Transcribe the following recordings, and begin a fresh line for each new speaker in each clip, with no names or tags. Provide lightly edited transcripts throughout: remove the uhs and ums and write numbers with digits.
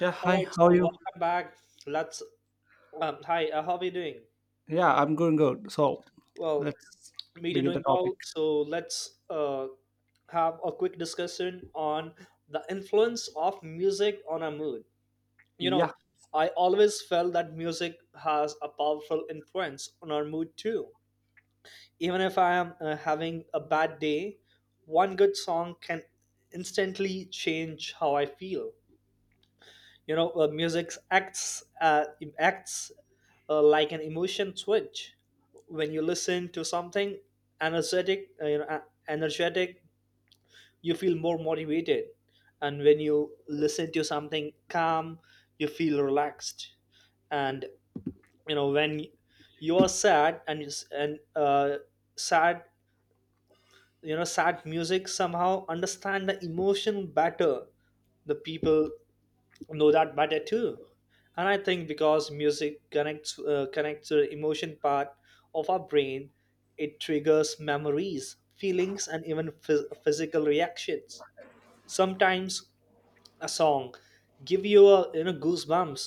Yeah,
All
hi,
right,
how
so
are you?
welcome back. Let's how are you doing?
Yeah, I'm going good. So
Well,
let's
me too,
begin the
doing
topic.
well. So let's have a quick discussion on the influence of music on our mood. You know,
Yeah.
I always felt that music has a powerful influence on our mood too. Even if I am having a bad day, one good song can instantly change how I feel. You know, music acts like an emotion switch. When you listen to something energetic uh, you know uh, energetic, you feel more motivated, and when you listen to something calm, you feel relaxed. And you know, when you are sad and you s- and sad you know, sad music somehow understand the emotion better, the people know that better too. And I think because music connects to the emotion part of our brain, it triggers memories, feelings, and even physical reactions. Sometimes a song give you, a you know, goosebumps.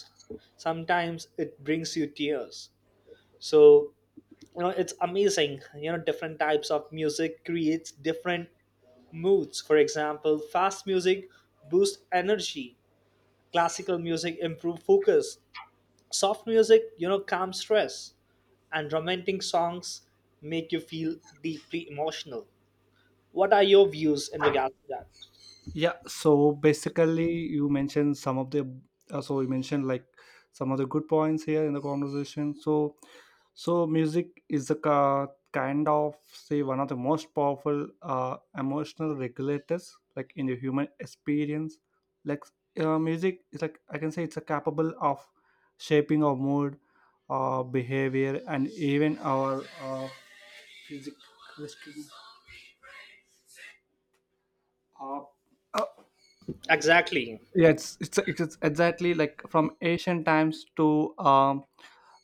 Sometimes it brings you tears. So you know, it's amazing, you know, different types of music creates different moods. For example, fast music boosts energy, classical music improve focus, soft music, you know, calms stress, and romantic songs make you feel deeply emotional. What are your views in regards to that?
Yeah, so basically, you mentioned some of the so you mentioned like some of the good points here in the conversation. So, so music is the kind of say one of the most powerful emotional regulators like in the human experience. Like music is like I can say it's a capable of shaping our mood, our behavior, and even our physical uh, uh,
Exactly.
it's exactly like from ancient times to um,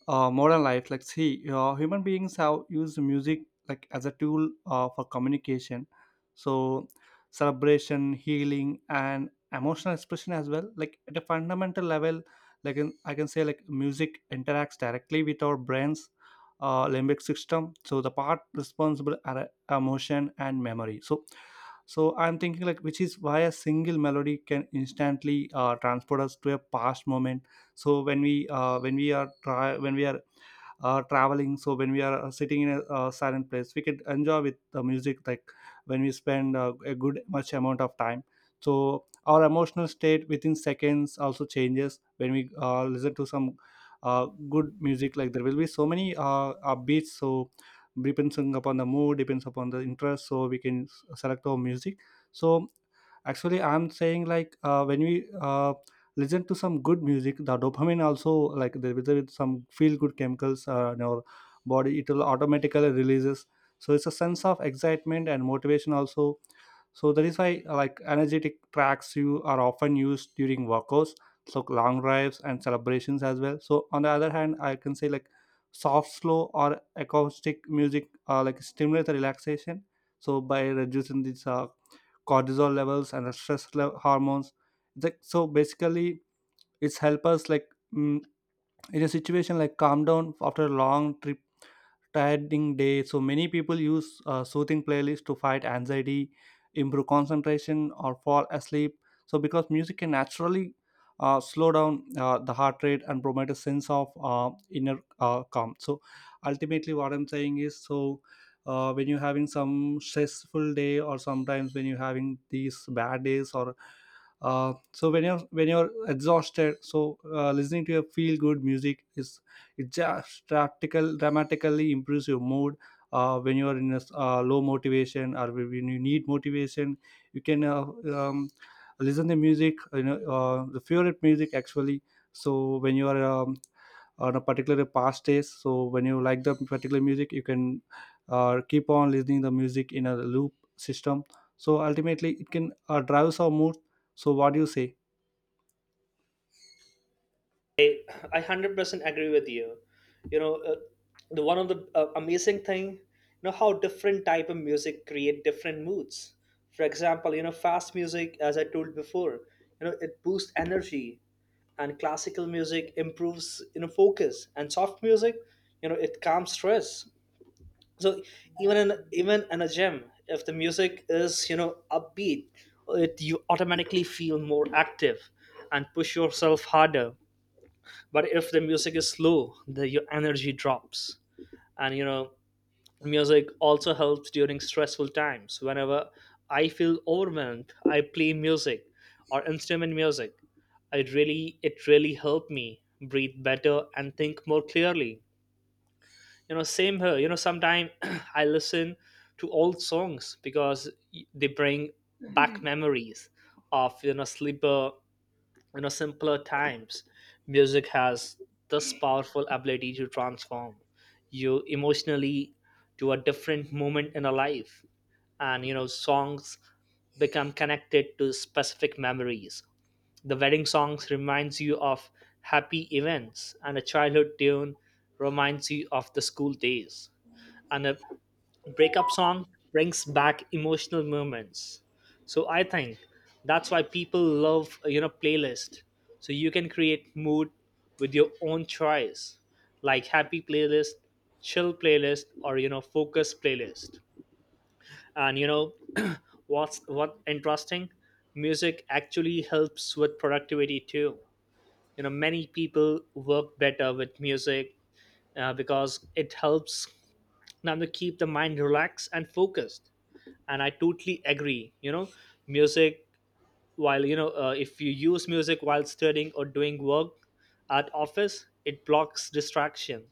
uh, modern life like see human beings have used music like as a tool for communication so celebration, healing, and emotional expression as well, like at a fundamental level like I can say like music interacts directly with our brains limbic system, so the part responsible are emotion and memory. So so I'm thinking like which is why a single melody can instantly transport us to a past moment. So when we are try when we are traveling, so when we are sitting in a silent place, we can enjoy with the music like when we spend a good much amount of time, so our emotional state within seconds also changes when we listen to some good music. Like there will be so many beats, so depends upon the mood, depends upon the interest, so we can select our music. So actually I'm saying like when we listen to some good music, the dopamine also, like there is some feel good chemicals in our body, it will automatically releases. So it's a sense of excitement and motivation also. So that is why like energetic tracks you are often used during workouts, so long drives and celebrations as well. So on the other hand, I can say like soft, slow or acoustic music like stimulate the relaxation. So by reducing this cortisol levels and the stress level, hormones. It's like, so basically it's help us like mm, in a situation like calm down after a long trip, tiring day. So many people use soothing playlists to fight anxiety, improve concentration, or fall asleep. So because music can naturally slow down the heart rate and promote a sense of inner calm. So ultimately, what I'm saying is so. When you're having some stressful day or sometimes when you're having these bad days, or so when you're exhausted, so listening to your feel good music is, it just practical dramatically improves your mood. When you are in a low motivation or when you need motivation, you can um, listen the music, you know, the favorite music actually. So when you are on a particular past days, so when you like the particular music, you can keep on listening the music in a loop system. So ultimately it can drives our mood. So what do you say?
I I 100% agree with you. You know, the one of the amazing thing, you know, how different type of music create different moods. For example, you know, fast music, as I told before, you know, it boosts energy, and classical music improves, you know, focus, and soft music, you know, it calms stress. So even in a gym, if the music is, you know, upbeat, it, you automatically feel more active and push yourself harder. But if the music is slow, the, your energy drops. And you know, music also helps during stressful times. Whenever I feel overwhelmed, I play music or instrument music. It really helped me breathe better and think more clearly. You know, same here, you know, sometimes I listen to old songs because they bring back memories of, you know, sleeper, you know, simpler times. Music has this powerful ability to transform you emotionally to a different moment in a life. And you know, songs become connected to specific memories. The wedding songs reminds you of happy events, and a childhood tune reminds you of the school days, and a breakup song brings back emotional moments. So I think that's why people love, you know, playlist, so you can create mood with your own choice, like happy playlist, chill playlist, or you know, focus playlist. And you know, what's, what interesting, music actually helps with productivity too. You know, many people work better with music, because it helps now to keep the mind relaxed and focused. And I totally agree, you know, music, while you know, if you use music while studying or doing work at office, it blocks distraction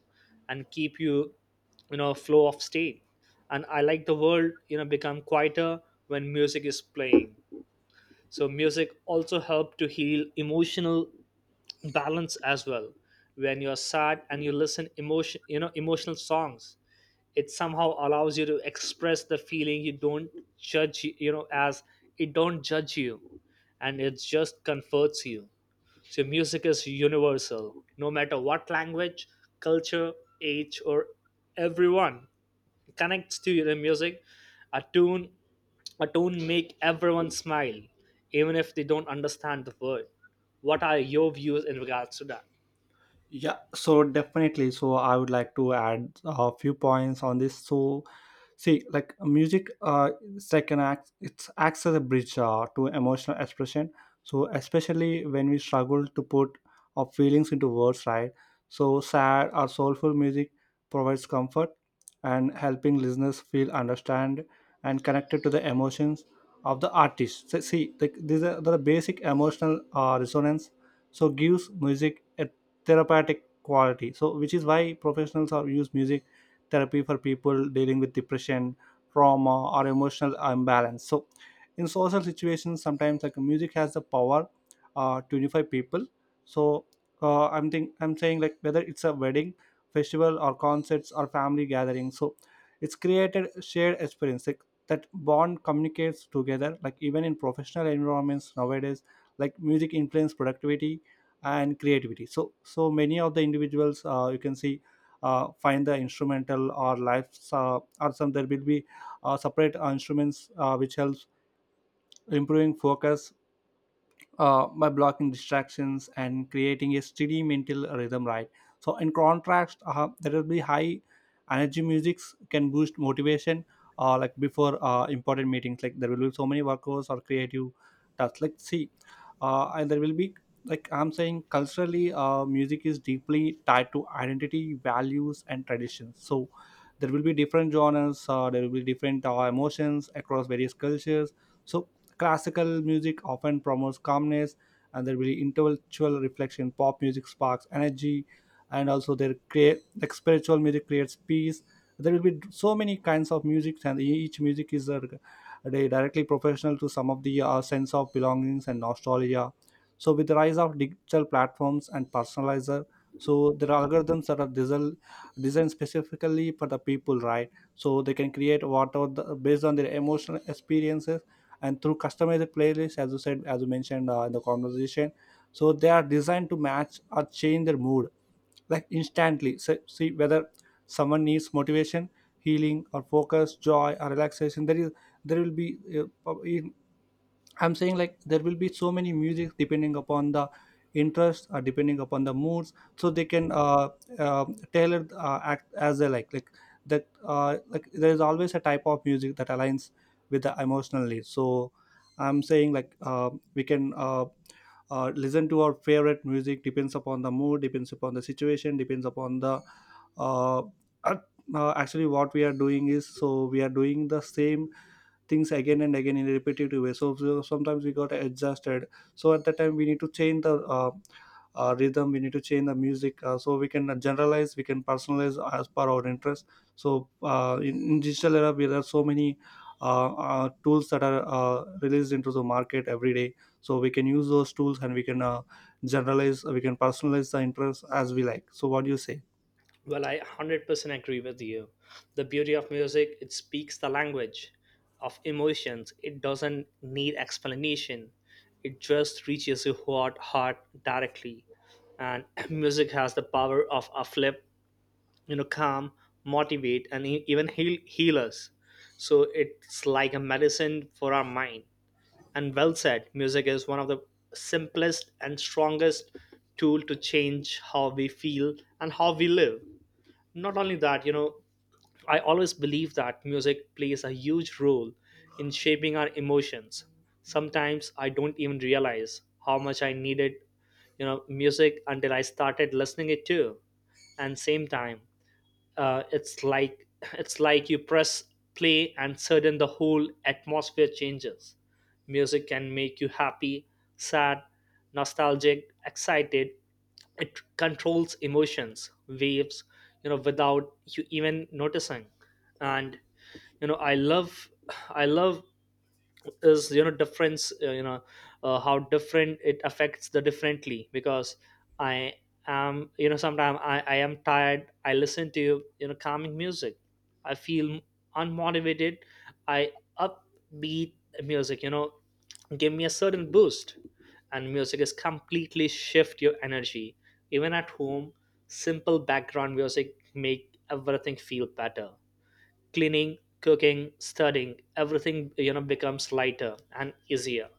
and keep you, you know, flow of state. And I like the world, you know, become quieter when music is playing. So music also help to heal emotional balance as well. When you're sad and you listen emotion, you know, emotional songs, it somehow allows you to express the feeling. You don't judge, you know, as it don't judge you, and it just comforts you. So music is universal. No matter what language, culture, age, or everyone connects to the music. A tune a tune make everyone smile even if they don't understand the word. What are your views in regards to that?
Yeah, so definitely. So I would like to add a few points on this. So, see, like music, second act, it acts as a bridge to emotional expression. So especially when we struggle to put our feelings into words, right? So sad or soulful music provides comfort and helping listeners feel understand and connected to the emotions of the artist. So, see, like these are the basic emotional resonance. So gives music a therapeutic quality, so which is why professionals are use music therapy for people dealing with depression, trauma, or emotional imbalance. So in social situations, sometimes like music has the power to unify people. So i'm saying like whether it's a wedding, festival, or concerts, or family gathering, so it's created shared experience like that bond communicates together. Like even in professional environments nowadays, like music influence productivity and creativity. So so many of the individuals, you can see find the instrumental or lives, or some, there will be separate instruments which helps improving focus by blocking distractions and creating a steady mental rhythm, right? So in contrast, there will be high energy musics can boost motivation, like before important meetings, like there will be so many workers or creative tasks, let's see, and there will be, like I'm saying, culturally music is deeply tied to identity, values, and traditions. So there will be different genres, there will be different emotions across various cultures. So classical music often promotes calmness and there will be intellectual reflection. Pop music sparks energy and also there create, like, spiritual music creates peace. There will be so many kinds of music and each music is, they directly professional to some of the sense of belongings and nostalgia. So with the rise of digital platforms and personalizer, so there are algorithms that are designed specifically for the people, right? So they can create whatever the, based on their emotional experiences and through customized playlists, as you said, as you mentioned in the conversation. So they are designed to match or change their mood like instantly. So, see, whether someone needs motivation, healing, or focus, joy, or relaxation, there is, there will be I'm saying like there will be so many music depending upon the interest or depending upon the moods, so they can uh, tailor act as they like. Like that, like there is always a type of music that aligns with the emotionally. So I'm saying like we can listen to our favorite music depends upon the mood, depends upon the situation, depends upon the uh, actually what we are doing is, so we are doing the same things again and again in a repetitive way. So so sometimes we got exhausted, so at that time we need to change the rhythm, we need to change the music, so we can generalize, we can personalize as per our interest. So in digital era, there are so many tools that are released into the market every day. So we can use those tools and we can generalize, we can personalize the interest as we like. So what do you say?
Well, I 100% agree with you. The beauty of music, it speaks the language of emotions. It doesn't need explanation. It just reaches your heart directly. And music has the power of uplift, you know, calm, motivate, and even heal us. So it's like a medicine for our mind. And well said, music is one of the simplest and strongest tool to change how we feel and how we live. Not only that, you know, I always believe that music plays a huge role in shaping our emotions. Sometimes I don't even realize how much I needed, you know, music until I started listening it too. And same time, it's like it's like you press play and sudden the whole atmosphere changes. Music can make you happy, sad, nostalgic, excited. It controls emotions waves, you know, without you even noticing. And you know, I love is, you know, difference, you know, how different it affects the differently. Because I am, you know, sometimes I am tired, I listen to, you know, calming music, I feel unmotivated, I, upbeat music, you know, give me a certain boost. And music is completely shift your energy. Even at home, simple background music make everything feel better. Cleaning, cooking, studying, everything, you know, becomes lighter and easier.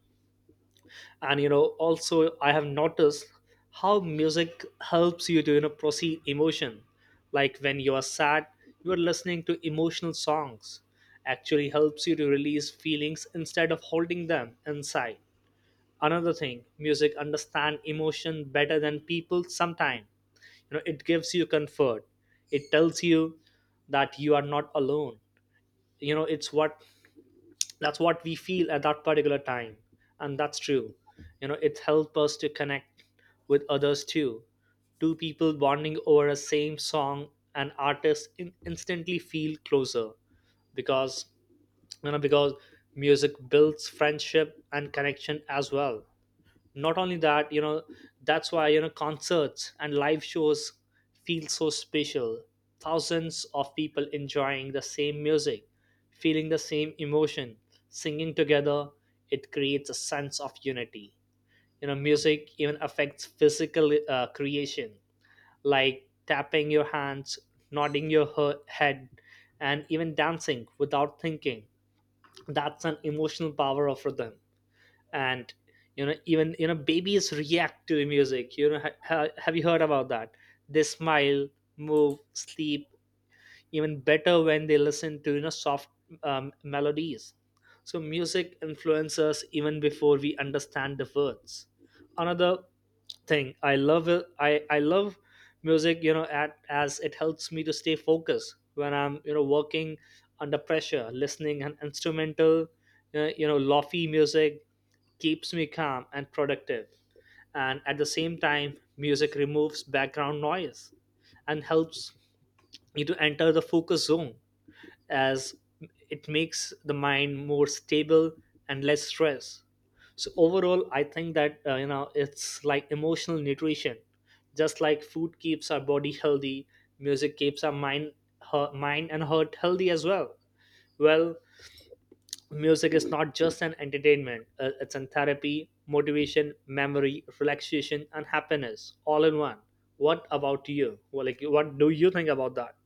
And you know, also I have noticed how music helps you to, you know, proceed emotion. Like when you are sad, you are listening to emotional songs actually helps you to release feelings instead of holding them inside. Another thing, music understand emotion better than people sometimes. You know, it gives you comfort. It tells you that you are not alone. You know, it's what, that's what we feel at that particular time. And that's true. You know, it helps us to connect with others too. Two people bonding over a same song and artist instantly feel closer, because you know, because music builds friendship and connection as well. Not only that, you know, that's why, you know, concerts and live shows feel so special. Thousands of people enjoying the same music, feeling the same emotion, singing together, it creates a sense of unity. You know, music even affects physical creation, like tapping your hands, nodding your head, and even dancing without thinking. That's an emotional power of rhythm. And you know, even, you know, babies react to the music, you know, have you heard about that? They smile, move, sleep even better when they listen to, you know, soft melodies. So music influences us even before we understand the words. Another thing I love it, I love music, you know at, as it helps me to stay focused when I'm, you know, working under pressure. Listening an instrumental, you know, lofi music keeps me calm and productive. And at the same time, music removes background noise and helps you to enter the focus zone, as it makes the mind more stable and less stress. So overall, I think that you know, it's like emotional nutrition. Just like food keeps our body healthy, music keeps our mind, mind and heart healthy as well. Well, music is not just an entertainment, it's an therapy, motivation, memory, relaxation, and happiness all in one. What about you? Well, like what do you think about that?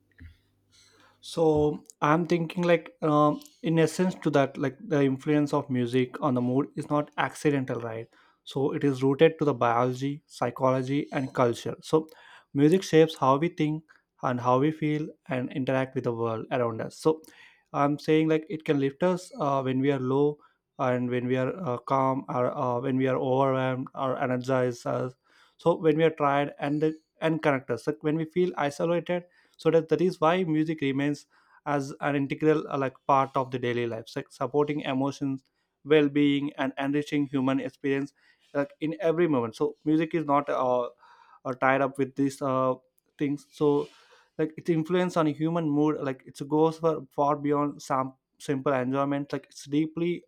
So I'm thinking like in essence to that, like the influence of music on the mood is not accidental, right? So it is rooted to the biology, psychology, and culture. So music shapes how we think and how we feel and interact with the world around us. So I'm saying like it can lift us when we are low and when we are calm or when we are overwhelmed or energized, so when we are tired and connect us like when we feel isolated. So that is why music remains as an integral like part of the daily life, like supporting emotions, well-being, and enriching human experience like in every moment. So music is not tied up with these things. So like its influence on human mood, like it goes for far beyond some simple enjoyment, like it's deeply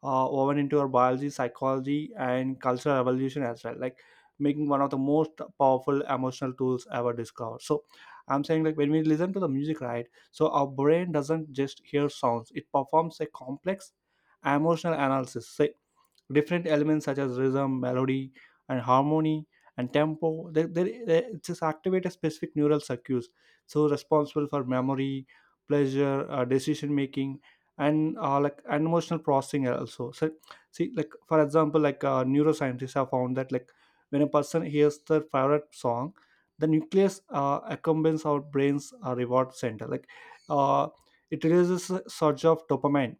woven into our biology, psychology, and cultural evolution as well. Like making one of the most powerful emotional tools ever discovered. So I'm saying like when we listen to the music, right? So our brain doesn't just hear sounds; it performs a complex emotional analysis. So different elements such as rhythm, melody, and harmony and tempo. They just activate a specific neural circuits, so responsible for memory, pleasure, decision making, and like and emotional processing also. So see, like for example, like neuroscientists have found that like when a person hears their favorite song, the nucleus accompanies our brain's reward center. Like uh, it releases a surge of dopamine.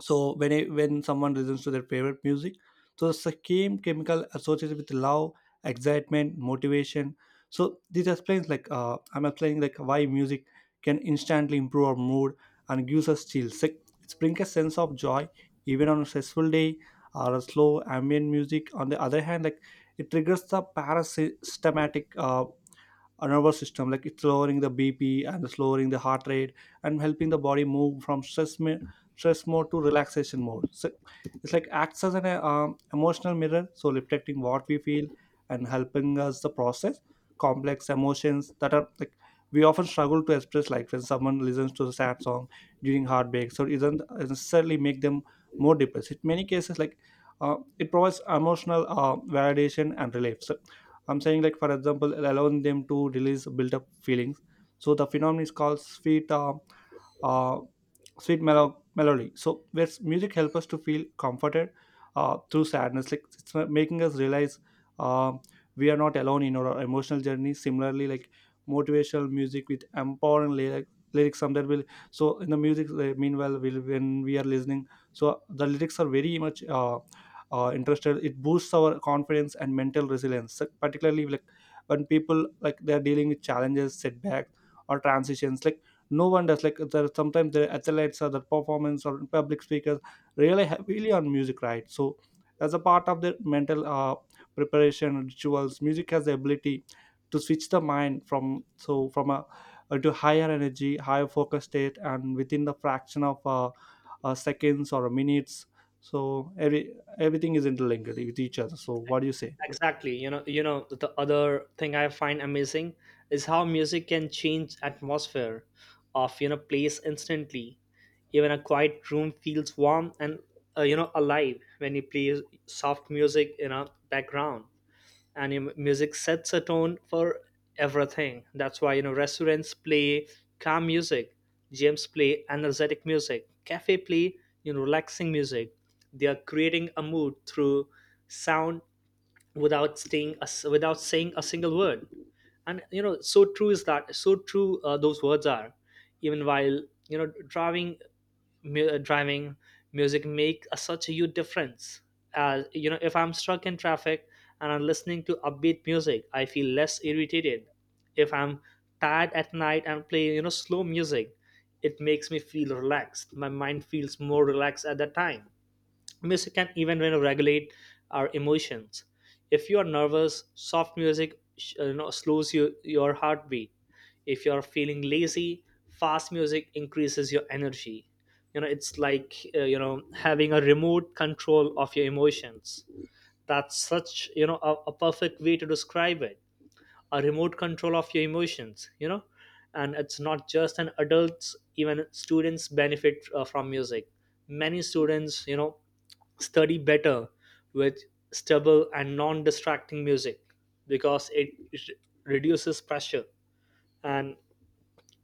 So when someone listens to their favorite music, so the same chemical associated with love, excitement, motivation. So this explains like I'm explaining like why music can instantly improve our mood and gives us chills, like it brings a sense of joy even on a stressful day. Or a slow ambient music on the other hand, like it triggers the parasympathetic our nervous system, like it's lowering the bp and it's lowering the heart rate and helping the body move from stress mode to relaxation mode. So it's like acts as an emotional mirror, so reflecting what we feel and helping us the process complex emotions that are like we often struggle to express. Like when someone listens to a sad song during heartbreak, so it doesn't necessarily make them more depressed in many cases, like it provides emotional validation and relief. So I'm saying, like for example, allowing them to release built up feelings. So the phenomenon is called uh, melody. So where's music help us to feel comforted through sadness, like it's not making us realize um, we are not alone in our emotional journey. Similarly, like motivational music with empowering lyrics, some that will. So in the music, meanwhile, will when we are listening, so the lyrics are very much. Interested, it boosts our confidence and mental resilience. So particularly like when people like they're dealing with challenges, setbacks, or transitions, like no one does like there sometimes the athletes or the performance or public speakers rely heavily on music, right? So as a part of their mental preparation rituals, music has the ability to switch the mind from so from a to higher energy, higher focus state and within the fraction of seconds or minutes. So everything is interlinked with each other. So what do you say?
Exactly, you know, you know, the other thing I find amazing is how music can change atmosphere of, you know, place instantly. Even a quiet room feels warm and, you know, alive when you play soft music in a background. And you know, music sets a tone for everything. That's why, you know, restaurants play calm music, gyms play energetic music, cafe play, you know, relaxing music. They are creating a mood through sound without staying us, without saying a single word. And you know, so true is that, so true, those words are. Even while, you know, driving, music make a, such a huge difference. As you know, if I'm stuck in traffic and I'm listening to upbeat music, I feel less irritated. If I'm tired at night and play, you know, slow music, it makes me feel relaxed, my mind feels more relaxed at that time. Music can even, you know, regulate our emotions. If you are nervous, soft music you know, slows you, your heartbeat. If you are feeling lazy, fast music increases your energy. You know, it's like, you know, having a remote control of your emotions. That's such a perfect way to describe it, a remote control of your emotions. And it's not just an adults, even students benefit from music. Many students study better with stable and non-distracting music, because it reduces pressure. And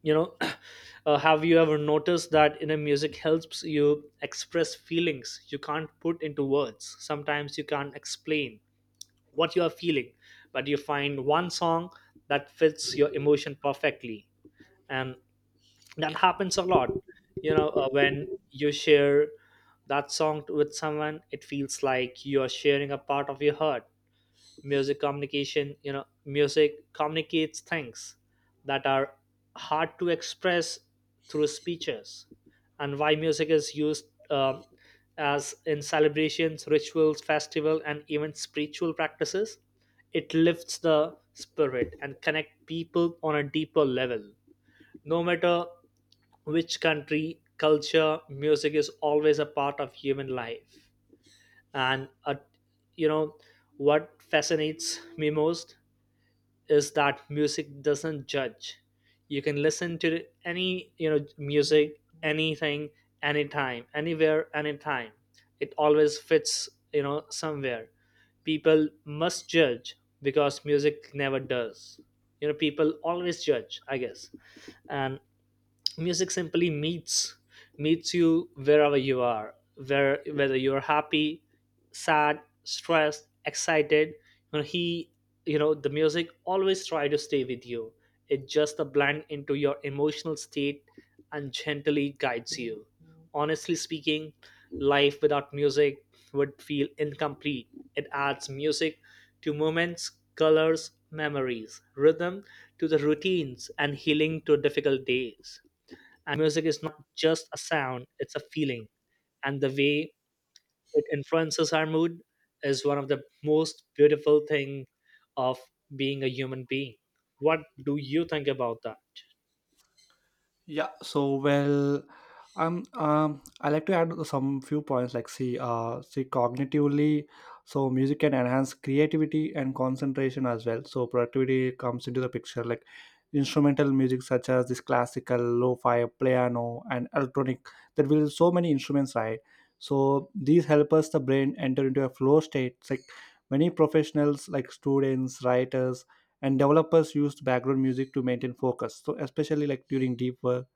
you know have you ever noticed that in a music helps you express feelings you can't put into words? Sometimes you can't explain what you are feeling, but you find one song that fits your emotion perfectly. And that happens a lot. When you share that song with someone, it feels like you are sharing a part of your heart. Music communication, music communicates things that are hard to express through speeches. And why music is used, um, as in celebrations, rituals, festival, and even spiritual practices. It lifts the spirit and connect people on a deeper level. No matter which country, culture, music is always a part of human life. And you know what fascinates me most is that music doesn't judge. You can listen to any music, anything, anytime, anywhere, anytime. It always fits somewhere. People must judge because music never does. People always judge, I guess. And music simply meets you wherever you are, where whether you're happy, sad, stressed, excited. You know he you know the music always try to stay with you. It just a blend into your emotional state and gently guides you. Honestly speaking, life without music would feel incomplete. It adds music to moments, colors memories, rhythm to the routines, and healing to difficult days. And music is not just a sound, it's a feeling. And the way it influences our mood is one of the most beautiful thing of being a human being. What do you think about that?
Yeah, so well, I like to add some few points. Like, see, see, cognitively, so music can enhance creativity and concentration as well. So productivity comes into the picture. Like, instrumental music such as this classical, lo-fi, piano, and electronic. There will so many instruments, right? So these help us the brain enter into a flow state. It's like many professionals, like students, writers, and developers, used background music to maintain focus. So especially like during deep work,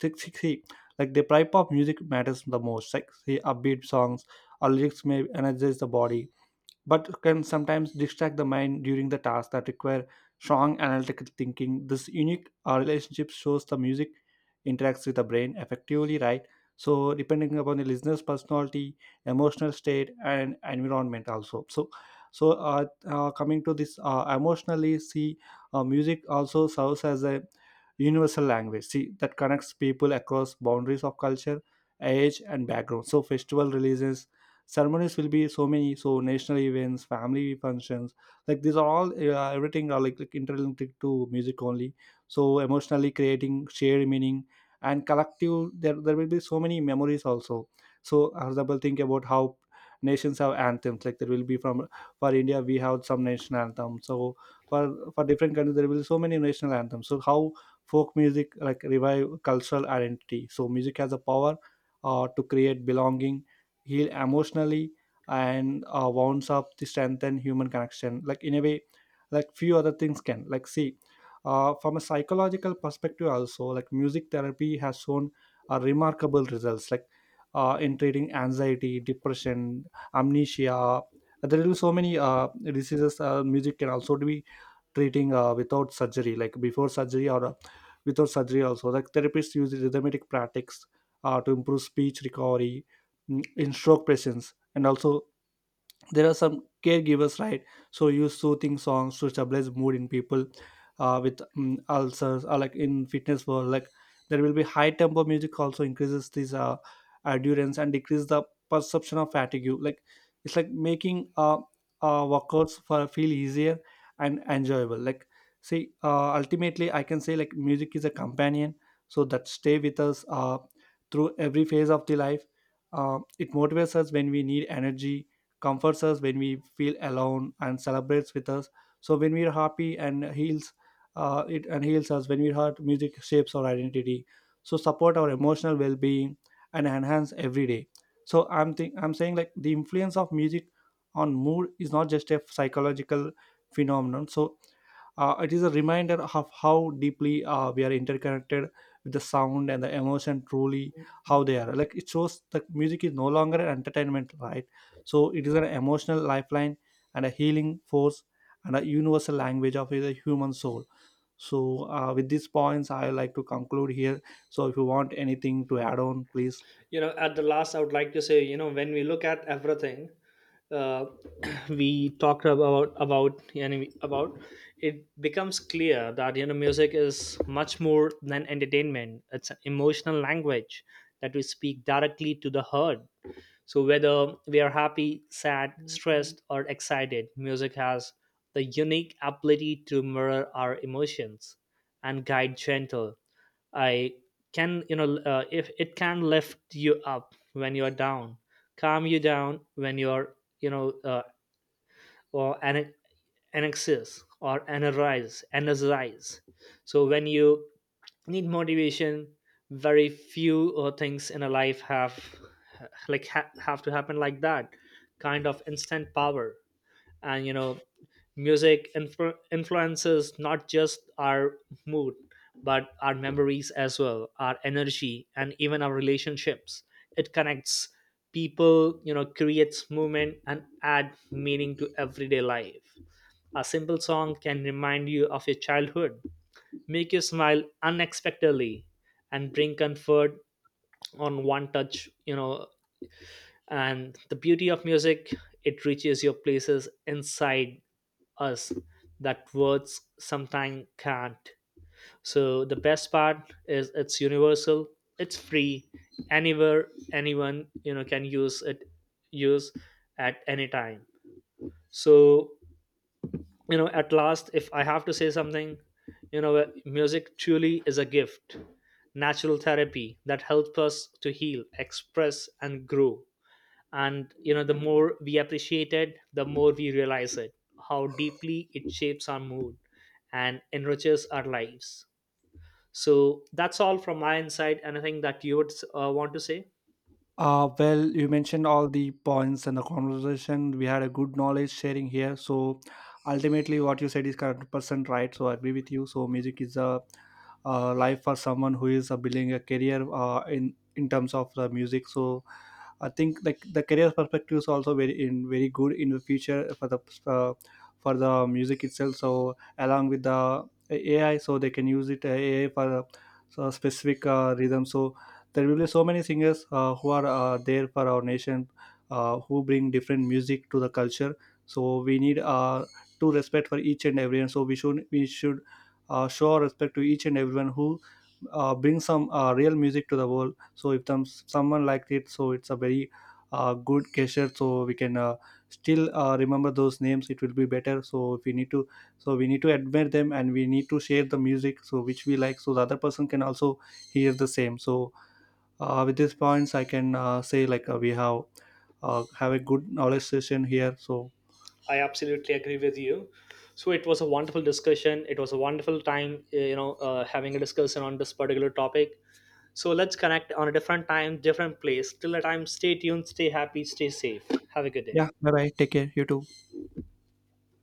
see, see, see, like the type of music matters the most. Like, see, upbeat songs or lyrics may energize the body, but can sometimes distract the mind during the tasks that require strong analytical thinking. This unique relationship shows the music interacts with the brain effectively, right? So depending upon the listener's personality, emotional state, and environment, also. So, so coming to this emotionally, see, music also serves as a universal language. See, that connects people across boundaries of culture, age, and background. So festival releases, ceremonies will be so many, so national events, family functions, like these are all everything are like interlinked to music only. So emotionally creating shared meaning and collective, there will be so many memories also. So for example, think about how nations have anthems, like there will be from for India we have some national anthem. So for different countries there will be so many national anthems. So how folk music like revive cultural identity, so music has a power to create belonging, heal emotionally, and wounds up the strengthen human connection, like in a way like few other things can. Like, see, from a psychological perspective also, like music therapy has shown remarkable results, like in treating anxiety, depression, amnesia. There are so many diseases, music can also be treating without surgery, like before surgery or without surgery also, like therapists use rhythmic practices to improve speech recovery, mm, in stroke patients. And also there are some caregivers, right? So use soothing songs to stabilize mood in people with ulcers, or like in fitness world, like there will be high tempo music also increases this endurance and decrease the perception of fatigue. Like it's like making workouts for feel easier and enjoyable. Like, see, ultimately I can say like music is a companion so that stay with us through every phase of the life. It motivates us when we need energy, comforts us when we feel alone, and celebrates with us so when we're happy, and heals, it and heals us when we hurt. Music shapes our identity, so support our emotional well-being and enhance every day. So I'm saying like the influence of music on mood is not just a psychological phenomenon. So it is a reminder of how deeply we are interconnected with the sound and the emotion, truly how they are, like it shows that music is no longer an entertainment, right? So it is an emotional lifeline and a healing force and a universal language of the human soul. So with these points, I like to conclude here. So if you want anything to add on, please.
At the last, I would like to say, when we look at everything, uh, we talked about enemy about. It becomes clear that music is much more than entertainment. It's an emotional language that we speak directly to the heart. So, whether we are happy, sad, stressed, or excited, music has the unique ability to mirror our emotions and guide gentle. I can, you know, If it can lift you up when you are down, calm you down when you are, you know, uh, or an anxious, or energize. So when you need motivation, very few things in a life have, like have to happen, like that kind of instant power. And music influences not just our mood, but our memories as well, our energy, and even our relationships. It connects people, creates movement, and add meaning to everyday life. A simple song can remind you of your childhood, make you smile unexpectedly, and bring comfort on one touch. And the beauty of music, it reaches your places inside us that words sometimes can't. So the best part is, it's universal, it's free, anywhere anyone can use it use at any time. So at last, if I have to say something, music truly is a gift, natural therapy that helps us to heal, express, and grow. And the more we appreciate it, the more we realize it, how deeply it shapes our mood and enriches our lives. So that's all from my insight. Anything that you would want to say?
Well, you mentioned all the points and the conversation. We had a good knowledge sharing here. So ultimately, what you said is correct percent, right? So I agree with you. So music is a life for someone who is building a career in terms of the music. So I think like the career perspective is also very in very good in the future uh, for the music itself. So along with the AI, so they can use it, AI for so specific rhythm. So there will be so many singers who are there for our nation, who bring different music to the culture. So we need to respect for each and everyone. So we should show our respect to each and everyone who brings some real music to the world. So if someone liked it, so it's a very good gesture. So we can still remember those names, it will be better. So if we need to, so we need to admire them, and we need to share the music so which we like, so the other person can also hear the same. So with these points I can say like we have a good knowledge session here. So
I absolutely agree with you. So it was a wonderful discussion. It was a wonderful time, having a discussion on this particular topic. So let's connect on a different time, different place. Till the time, stay tuned, stay happy, stay safe. Have a good day.
yeah, bye bye, take care, you too.